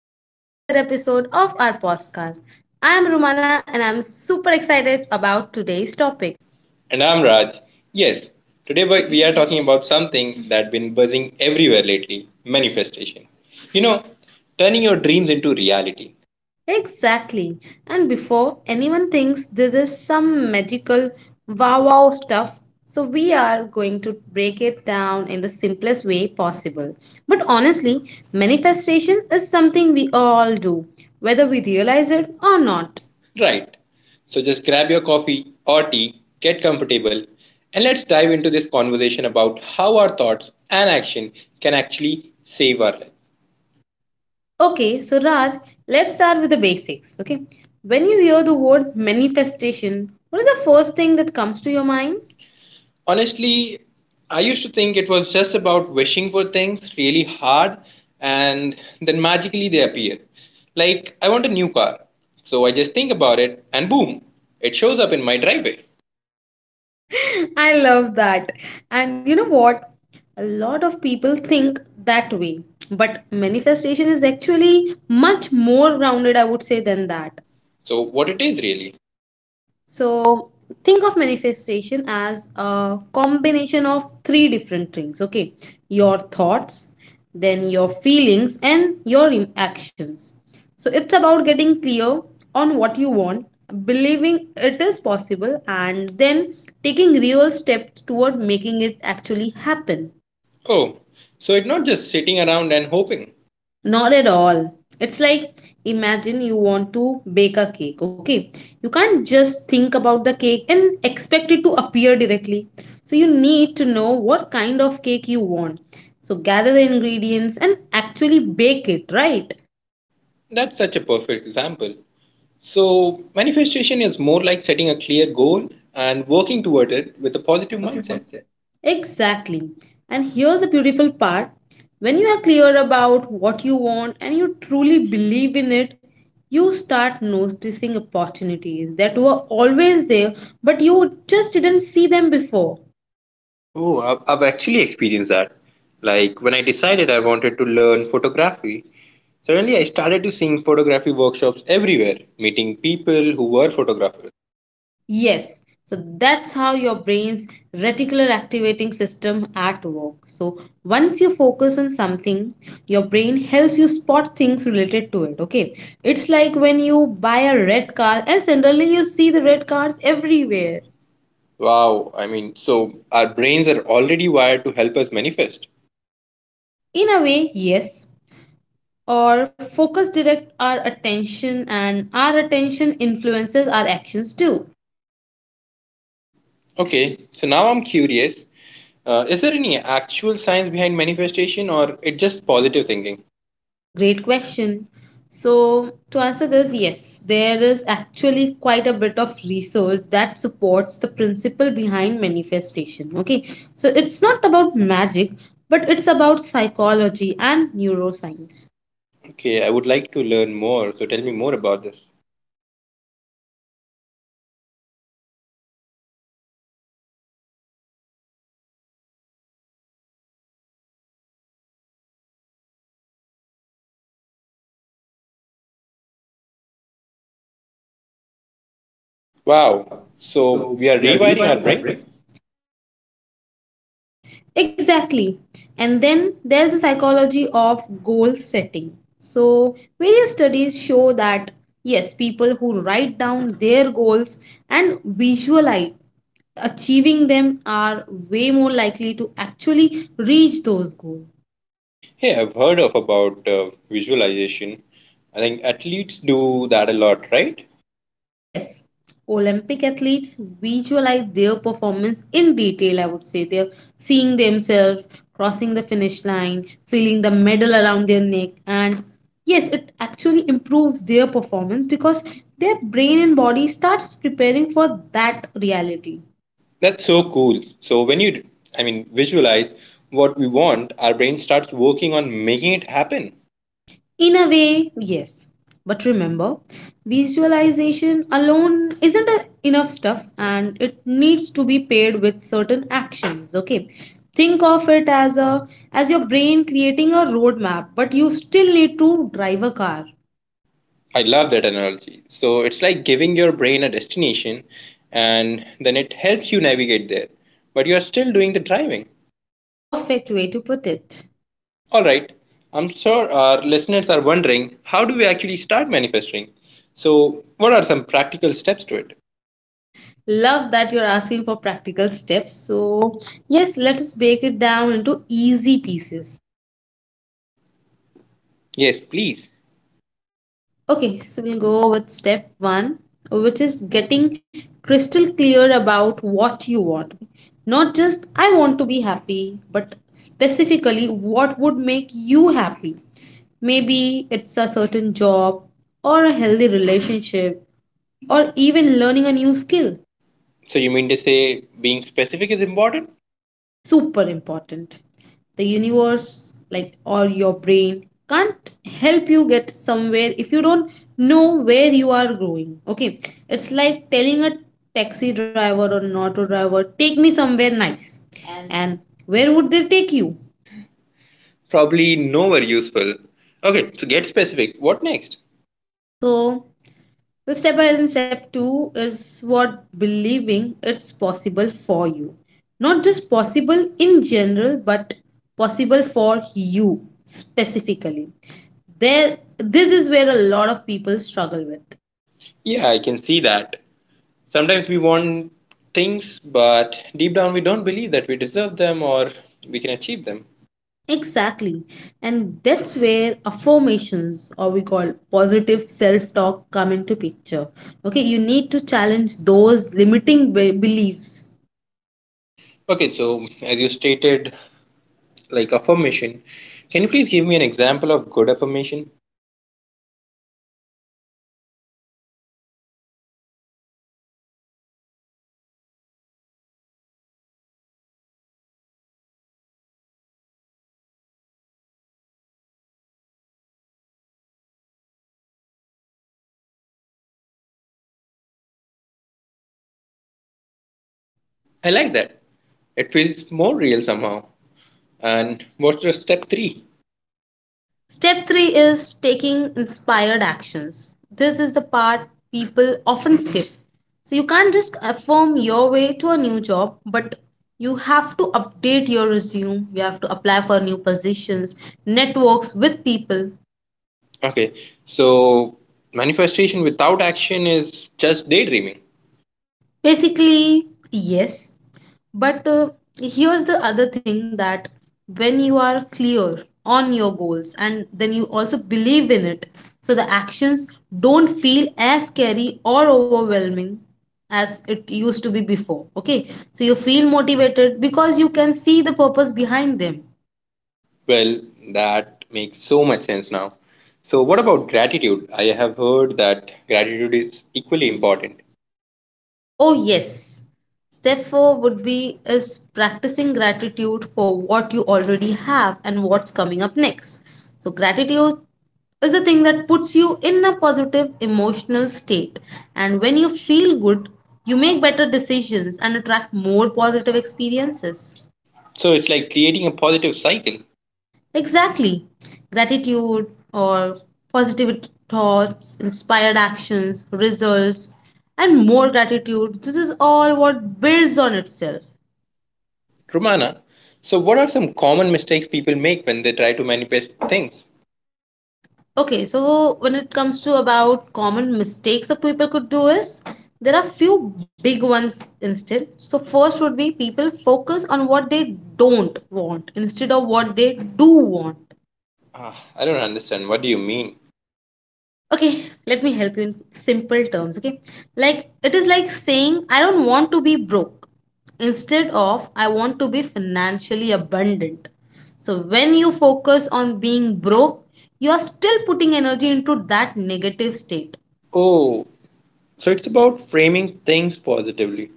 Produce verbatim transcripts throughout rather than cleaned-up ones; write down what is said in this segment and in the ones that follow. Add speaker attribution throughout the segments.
Speaker 1: back to another episode of our podcast. I'm Rumana and I'm super excited about today's topic.
Speaker 2: And I'm Raj. Yes, today we we are talking about something that's been buzzing everywhere lately manifestation. You know, turning your dreams into reality.
Speaker 1: Exactly. And before anyone thinks this is some magical wow wow stuff, so we are going to break it down in the simplest way possible. But honestly, manifestation is something we all do, whether we realize it or not.
Speaker 2: Right. So just grab your coffee or tea, get comfortable, and let's dive into this conversation about how our thoughts and action can actually save our life.
Speaker 1: Okay, so Raj, let's start with the basics. Okay, when you hear the word manifestation, what is the first thing that comes to your mind?
Speaker 2: Honestly, I used to think it was just about wishing for things really hard and then magically they appear. Like, I want a new car. So I just think about it and boom, it shows up in my driveway.
Speaker 1: I love that. And you know what? A lot of people think that way, but manifestation is actually much more grounded, I would say, than that.
Speaker 2: So, what it is really?
Speaker 1: So think of manifestation as a combination of three different things, okay? Your thoughts, then your feelings, and your im- actions. So it's about getting clear on what you want, believing it is possible, and then taking real steps toward making it actually happen.
Speaker 2: Oh, so it's not just sitting around and hoping.
Speaker 1: Not at all. It's like imagine you want to bake a cake, okay? You can't just think about the cake and expect it to appear directly. So you need to know what kind of cake you want. So gather the ingredients and actually bake it, right?
Speaker 2: That's such a perfect example. So, manifestation is more like setting a clear goal and working toward it with a positive mindset.
Speaker 1: Exactly. And here's a beautiful part. When you are clear about what you want and you truly believe in it, you start noticing opportunities that were always there, but you just didn't see them before.
Speaker 2: Oh, I've, I've actually experienced that. Like when I decided I wanted to learn photography, suddenly I started to seeing photography workshops everywhere, meeting people who were photographers.
Speaker 1: Yes. So that's how your brain's reticular activating system at work. So once you focus on something, your brain helps you spot things related to it. Okay. It's like when you buy a red car and suddenly you see the red cars everywhere.
Speaker 2: Wow, I mean, so our brains are already wired to help us manifest.
Speaker 1: In a way, yes. Or focus direct our attention and our attention influences our actions too.
Speaker 2: Okay, so now I'm curious. Uh, is there any actual science behind manifestation or it just positive thinking?
Speaker 1: Great question. So, to answer this, yes, there is actually quite a bit of research that supports the principle behind manifestation. Okay, so it's not about magic, but it's about psychology and neuroscience.
Speaker 2: Okay, I would like to learn more, so tell me more about this. Wow, so we are rewiring our brains?
Speaker 1: Exactly. And then there's the psychology of goal setting. So, various studies show that yes, people who write down their goals and visualize achieving them are way more likely to actually reach those goals.
Speaker 2: Hey, I've heard of about uh, visualization. I think athletes do that a lot, right?
Speaker 1: Yes, Olympic athletes visualize their performance in detail, I would say. They're seeing themselves crossing the finish line, feeling the medal around their neck, and yes, it actually improves their performance because their brain and body starts preparing for that reality.
Speaker 2: That's so cool. So when you, I mean, visualize what we want, our brain starts working on making it happen.
Speaker 1: In a way, yes. But remember, visualization alone isn't a- enough stuff and it needs to be paired with certain actions, okay? Think of it as a as your brain creating a roadmap, but you still need to drive a car.
Speaker 2: I love that analogy. So it's like giving your brain a destination and then it helps you navigate there. But you're still doing the driving.
Speaker 1: Perfect way to put it.
Speaker 2: All right. I'm sure our listeners are wondering how do we actually start manifesting? So, what are some practical steps to it?
Speaker 1: Love that you're asking for practical steps. So, yes, let us break it down into easy pieces.
Speaker 2: Yes, please.
Speaker 1: Okay, so we'll go with step one, which is getting crystal clear about what you want. Not just I want to be happy, but specifically what would make you happy. Maybe it's a certain job, or a healthy relationship, or even learning a new skill.
Speaker 2: So you mean to say being specific is important?
Speaker 1: Super important. The universe, like, or your brain can't help you get somewhere if you don't know where you are going. Okay, it's like telling a taxi driver or an auto driver take me somewhere nice, and where would they take you?
Speaker 2: Probably nowhere useful. Okay, so get specific. What next?
Speaker 1: So The step by step two is what believing it's possible for you. Not just possible in general, but possible for you specifically. There this is where a lot of people struggle with.
Speaker 2: Yeah, I can see that. Sometimes we want things, but deep down we don't believe that we deserve them or we can achieve them.
Speaker 1: Exactly. And that's where affirmations or we call positive self-talk come into picture. Okay, you need to challenge those limiting be- beliefs.
Speaker 2: Okay, so as you stated, like affirmation, can you please give me an example of good affirmation? I like that. It feels more real somehow. And what's the step three?
Speaker 1: Step three is taking inspired actions. This is the part people often skip. So you can't just affirm your way to a new job, but you have to update your resume, you have to apply for new positions, networks with people.
Speaker 2: Okay, so manifestation without action is just daydreaming.
Speaker 1: Basically, yes. But uh, here's the other thing that when you are clear on your goals and then you also believe in it, so the actions don't feel as scary or overwhelming as it used to be before. Okay, so you feel motivated because you can see the purpose behind them.
Speaker 2: Well, that makes so much sense now. So, what about gratitude? I have heard that gratitude is equally important.
Speaker 1: Oh, yes. Step four would be is practicing gratitude for what you already have and what's coming up next. So gratitude is a thing that puts you in a positive emotional state. And when you feel good, you make better decisions and attract more positive experiences.
Speaker 2: So, it's like creating a positive cycle.
Speaker 1: Exactly. Gratitude or positive thoughts, inspired actions, results, and more gratitude. This is all what builds on itself.
Speaker 2: Romana, so what are some common mistakes people make when they try to manifest things?
Speaker 1: Okay, so when it comes to about common mistakes that people could do is there are few big ones instead. So first would be people focus on what they don't want instead of what they do want.
Speaker 2: Ah, I don't understand. What do you mean?
Speaker 1: Okay, let me help you in simple terms, okay? Like it is like saying I don't want to be broke instead of I want to be financially abundant. So when you focus on being broke, you are still putting energy into that negative state.
Speaker 2: Oh, so it's about framing things positively.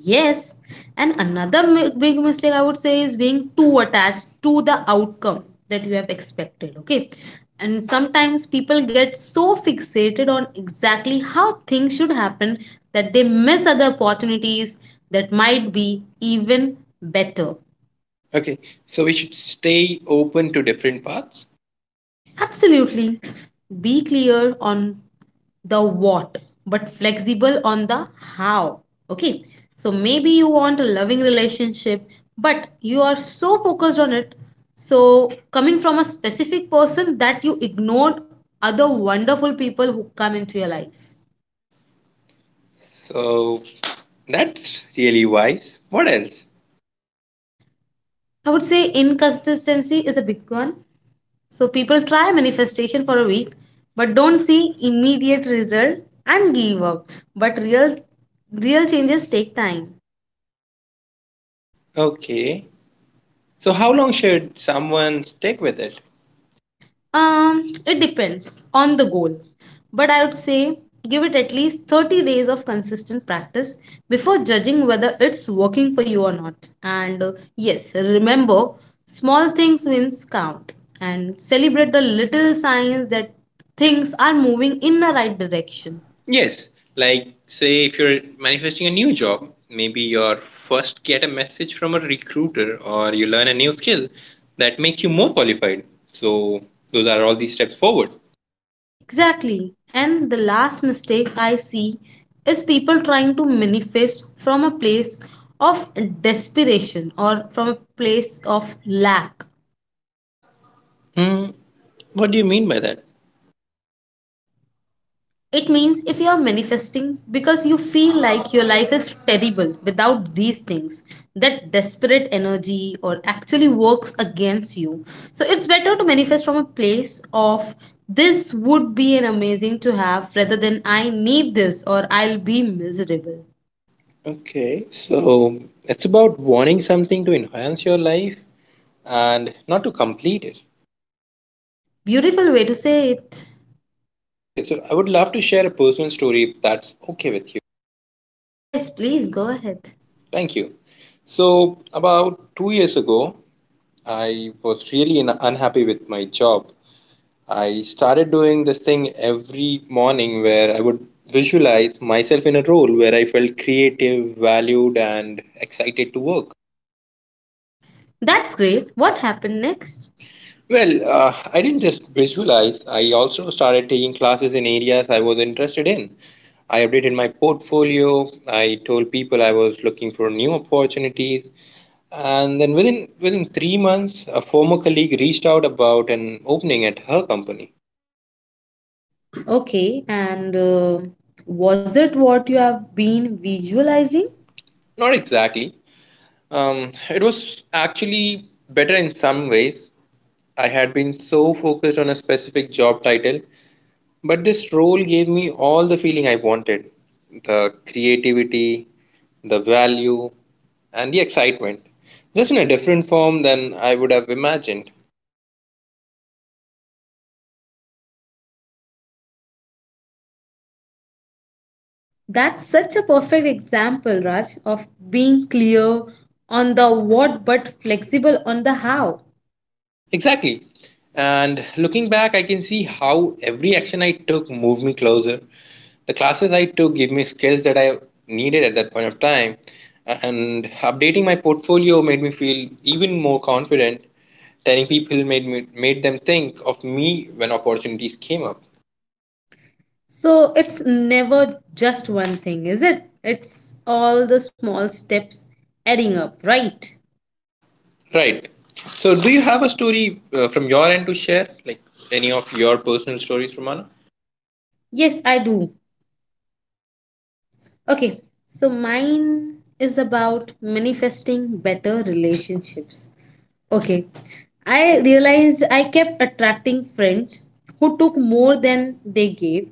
Speaker 1: Yes, and another mi- big mistake I would say is being too attached to the outcome that you have expected. Okay, and sometimes people get so fixated on exactly how things should happen that they miss other opportunities that might be even better.
Speaker 2: Okay, so we should stay open to different paths.
Speaker 1: Absolutely. Be clear on the what, but flexible on the how. Okay. So maybe you want a loving relationship, but you are so focused on it. So, coming from a specific person that you ignored other wonderful people who come into your life.
Speaker 2: So, that's really wise. What else?
Speaker 1: I would say inconsistency is a big one. So people try manifestation for a week but don't see immediate result and give up. But real real changes take time.
Speaker 2: Okay. So, how long should someone stick with it?
Speaker 1: Um it depends on the goal. But I would say give it at least thirty days of consistent practice before judging whether it's working for you or not. And uh, yes, remember small things wins count and celebrate the little signs that things are moving in the right direction.
Speaker 2: Yes, like say if you're manifesting a new job, maybe you first get a message from a recruiter or you learn a new skill that makes you more qualified. So, those are all these steps forward.
Speaker 1: Exactly. And the last mistake I see is people trying to manifest from a place of desperation or from a place of lack.
Speaker 2: Hmm, what do you mean by that?
Speaker 1: It means if you are manifesting because you feel like your life is terrible without these things, that desperate energy or actually works against you. So it's better to manifest from a place of this would be an amazing to have rather than I need this or I'll be miserable.
Speaker 2: Okay, so it's about wanting something to enhance your life and not to complete it.
Speaker 1: Beautiful way to say it.
Speaker 2: Okay, so I would love to share a personal story if that's okay with you.
Speaker 1: Yes, please go ahead.
Speaker 2: Thank you. So, about two years ago, I was really un- unhappy with my job. I started doing this thing every morning where I would visualize myself in a role where I felt creative, valued, and excited to work.
Speaker 1: That's great. What happened next?
Speaker 2: Well, uh, I didn't just visualize, I also started taking classes in areas I was interested in. I updated my portfolio. I told people I was looking for new opportunities, and then within within three months, a former colleague reached out about an opening at her company.
Speaker 1: Okay, and uh, was it what you have been visualizing?
Speaker 2: Not exactly. Um, it was actually better in some ways. I had been so focused on a specific job title, but this role gave me all the feeling I wanted the creativity, the value, and the excitement, just in a different form than I would have imagined.
Speaker 1: That's such a perfect example, Raj, of being clear on the what but flexible on the how.
Speaker 2: Exactly. And looking back, I can see how every action I took moved me closer. The classes I took gave me skills that I needed at that point of time. And updating my portfolio made me feel even more confident. Telling people made me, made them think of me when opportunities came up.
Speaker 1: So it's never just one thing, is it? It's all the small steps adding up, right?
Speaker 2: Right. So, do you have a story uh, from your end to share? Like any of your personal stories, Romana?
Speaker 1: Yes, I do. Okay, so mine is about manifesting better relationships. Okay, I realized I kept attracting friends who took more than they gave.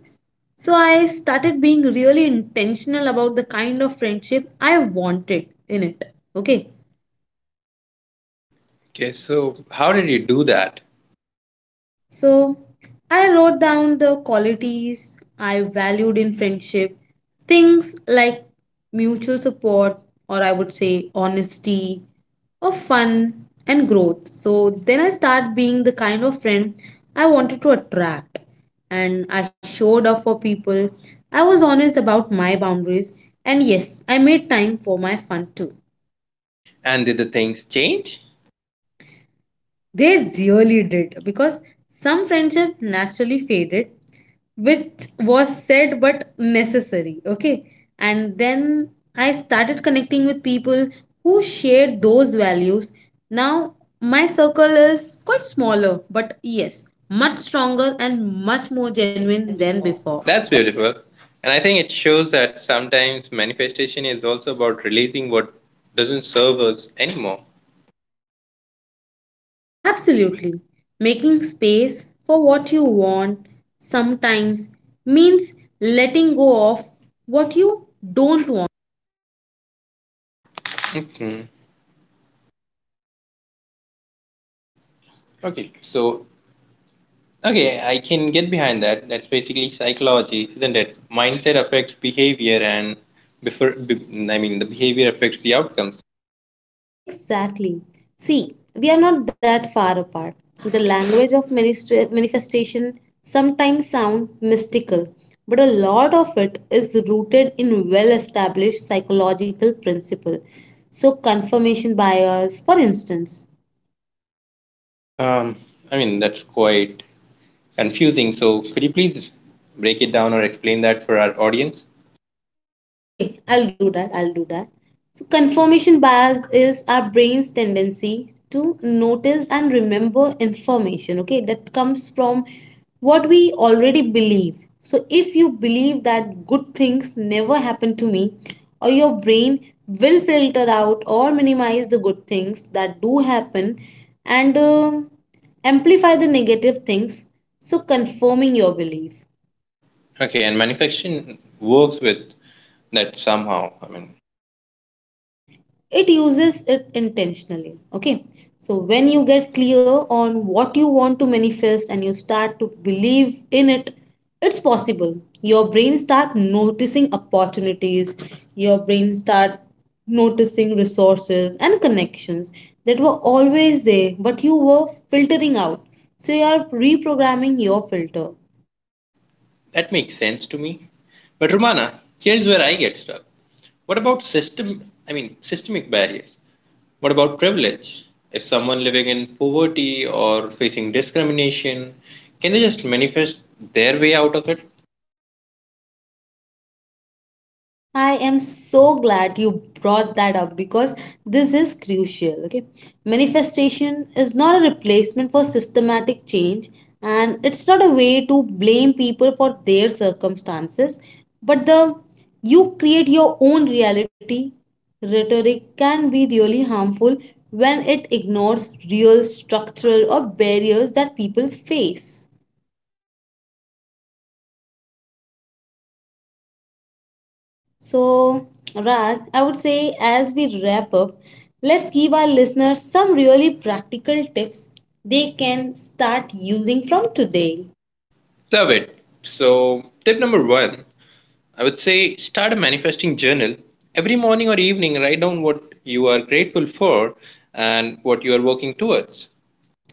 Speaker 1: So I started being really intentional about the kind of friendship I wanted in it. Okay,
Speaker 2: Okay, so how did you do that?
Speaker 1: so I wrote down the qualities I valued in friendship, things like mutual support, or I would say honesty, or fun and growth. So then I start being the kind of friend I wanted to attract, and I showed up for people. I was honest about my boundaries, and yes, I made time for my fun too.
Speaker 2: And did the things change?
Speaker 1: They really did because some friendship naturally faded, which was said but necessary. Okay. And then I started connecting with people who shared those values. Now my circle is quite smaller, but yes, much stronger and much more genuine than before.
Speaker 2: That's beautiful. And I think it shows that sometimes manifestation is also about releasing what doesn't serve us anymore.
Speaker 1: Absolutely. Making space for what you want sometimes means letting go of what you don't want.
Speaker 2: Mhm. Okay, so, okay, I can get behind that. That's basically psychology, isn't it? Mindset affects behavior, and before, be, I mean, the behavior affects the outcomes.
Speaker 1: Exactly. See, we are not that far apart. The language of manist- manifestation sometimes sound mystical, but a lot of it is rooted in well-established psychological principle. So confirmation bias, for instance.
Speaker 2: Um, I mean, that's quite confusing. So, could you please break it down or explain that for our audience?
Speaker 1: Okay, I'll do that. I'll do that. So, confirmation bias is our brain's tendency to notice and remember information, okay, that comes from what we already believe. So, if you believe that good things never happen to me, or your brain will filter out or minimize the good things that do happen and uh, amplify the negative things, so confirming your belief.
Speaker 2: Okay, and manufacturing works with that somehow. I mean,
Speaker 1: It uses it intentionally, okay? So when you get clear on what you want to manifest and you start to believe in it, it's possible your brain start noticing opportunities, your brain start noticing resources and connections that were always there but you were filtering out. So you are reprogramming your filter.
Speaker 2: that makes sense to me. But Romana, here's where I get stuck. What about system I mean systemic barriers? What about privilege? If someone living in poverty or facing discrimination, can they just manifest their way out of it?
Speaker 1: I am so glad you brought that up because this is crucial. Okay. Manifestation is not a replacement for systematic change and it's not a way to blame people for their circumstances, but the you create your own reality rhetoric can be really harmful when it ignores real structural or barriers that people face. So, Raj, I would say as we wrap up, let's give our listeners some really practical tips they can start using from today.
Speaker 2: Love it. So tip number one, I would say start a manifesting journal. Every morning or evening write down what you are grateful for and what you are working towards.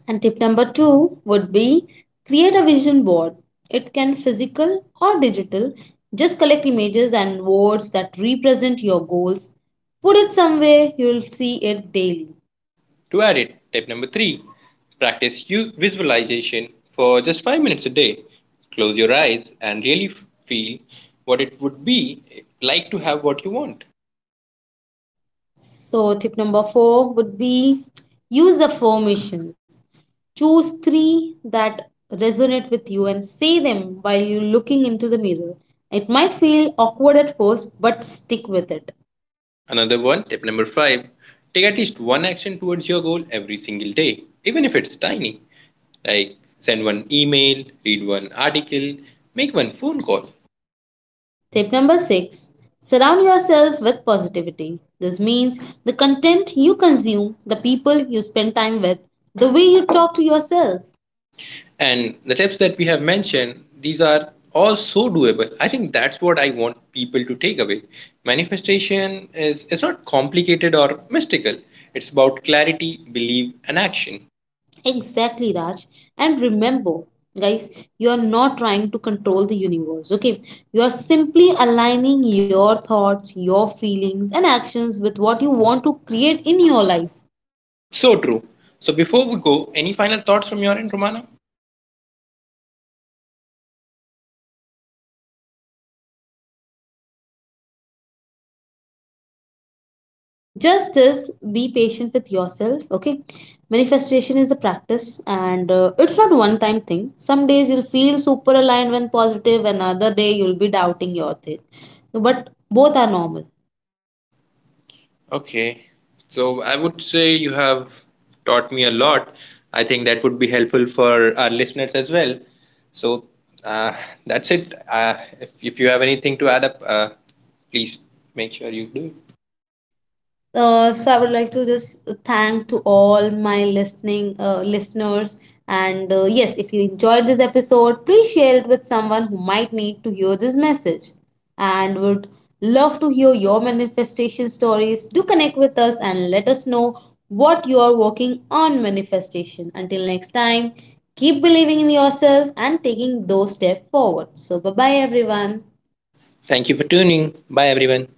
Speaker 1: And tip number two would be create a vision board. It can physical or digital. Just collect images and words that represent your goals. Put it somewhere you'll see it daily.
Speaker 2: To add it, tip number three practice visualization for just five minutes a day. Close your eyes and really feel what it would be like to have what you want.
Speaker 1: So, tip number four would be use affirmations. Choose three that resonate with you and say them while you're looking into the mirror. It might feel awkward at first, but stick with it.
Speaker 2: Another one, tip number five take at least one action towards your goal every single day, even if it's tiny. Like send one email, read one article, make one phone call.
Speaker 1: Tip number six surround yourself with positivity. This means the content you consume, the people you spend time with, the way you talk to yourself.
Speaker 2: And the tips that we have mentioned, these are all so doable. I think that's what I want people to take away. Manifestation is it's not complicated or mystical. It's about clarity, belief, and action.
Speaker 1: Exactly, Raj. And remember, guys, you are not trying to control the universe, okay? You are simply aligning your thoughts, your feelings, and actions with what you want to create in your life.
Speaker 2: So true. So before we go, any final thoughts from your end, Romana?
Speaker 1: Just this, be patient with yourself, okay? Manifestation is a practice and uh, it's not one time thing. Some days you'll feel super aligned when positive, another day you'll be doubting your thing. But both are normal.
Speaker 2: Okay. So I would say you have taught me a lot. I think that would be helpful for our listeners as well. So uh, that's it. Uh, if, if you have anything to add up, uh, please make sure you do.
Speaker 1: Uh, so I would like to just thank to all my listening uh, listeners. And uh, yes, if you enjoyed this episode, please share it with someone who might need to hear this message and would love to hear your manifestation stories. Do connect with us and let us know what you are working on manifestation. Until next time, keep believing in yourself and taking those steps forward. So, bye bye, everyone.
Speaker 2: Thank you for tuning. Bye, everyone.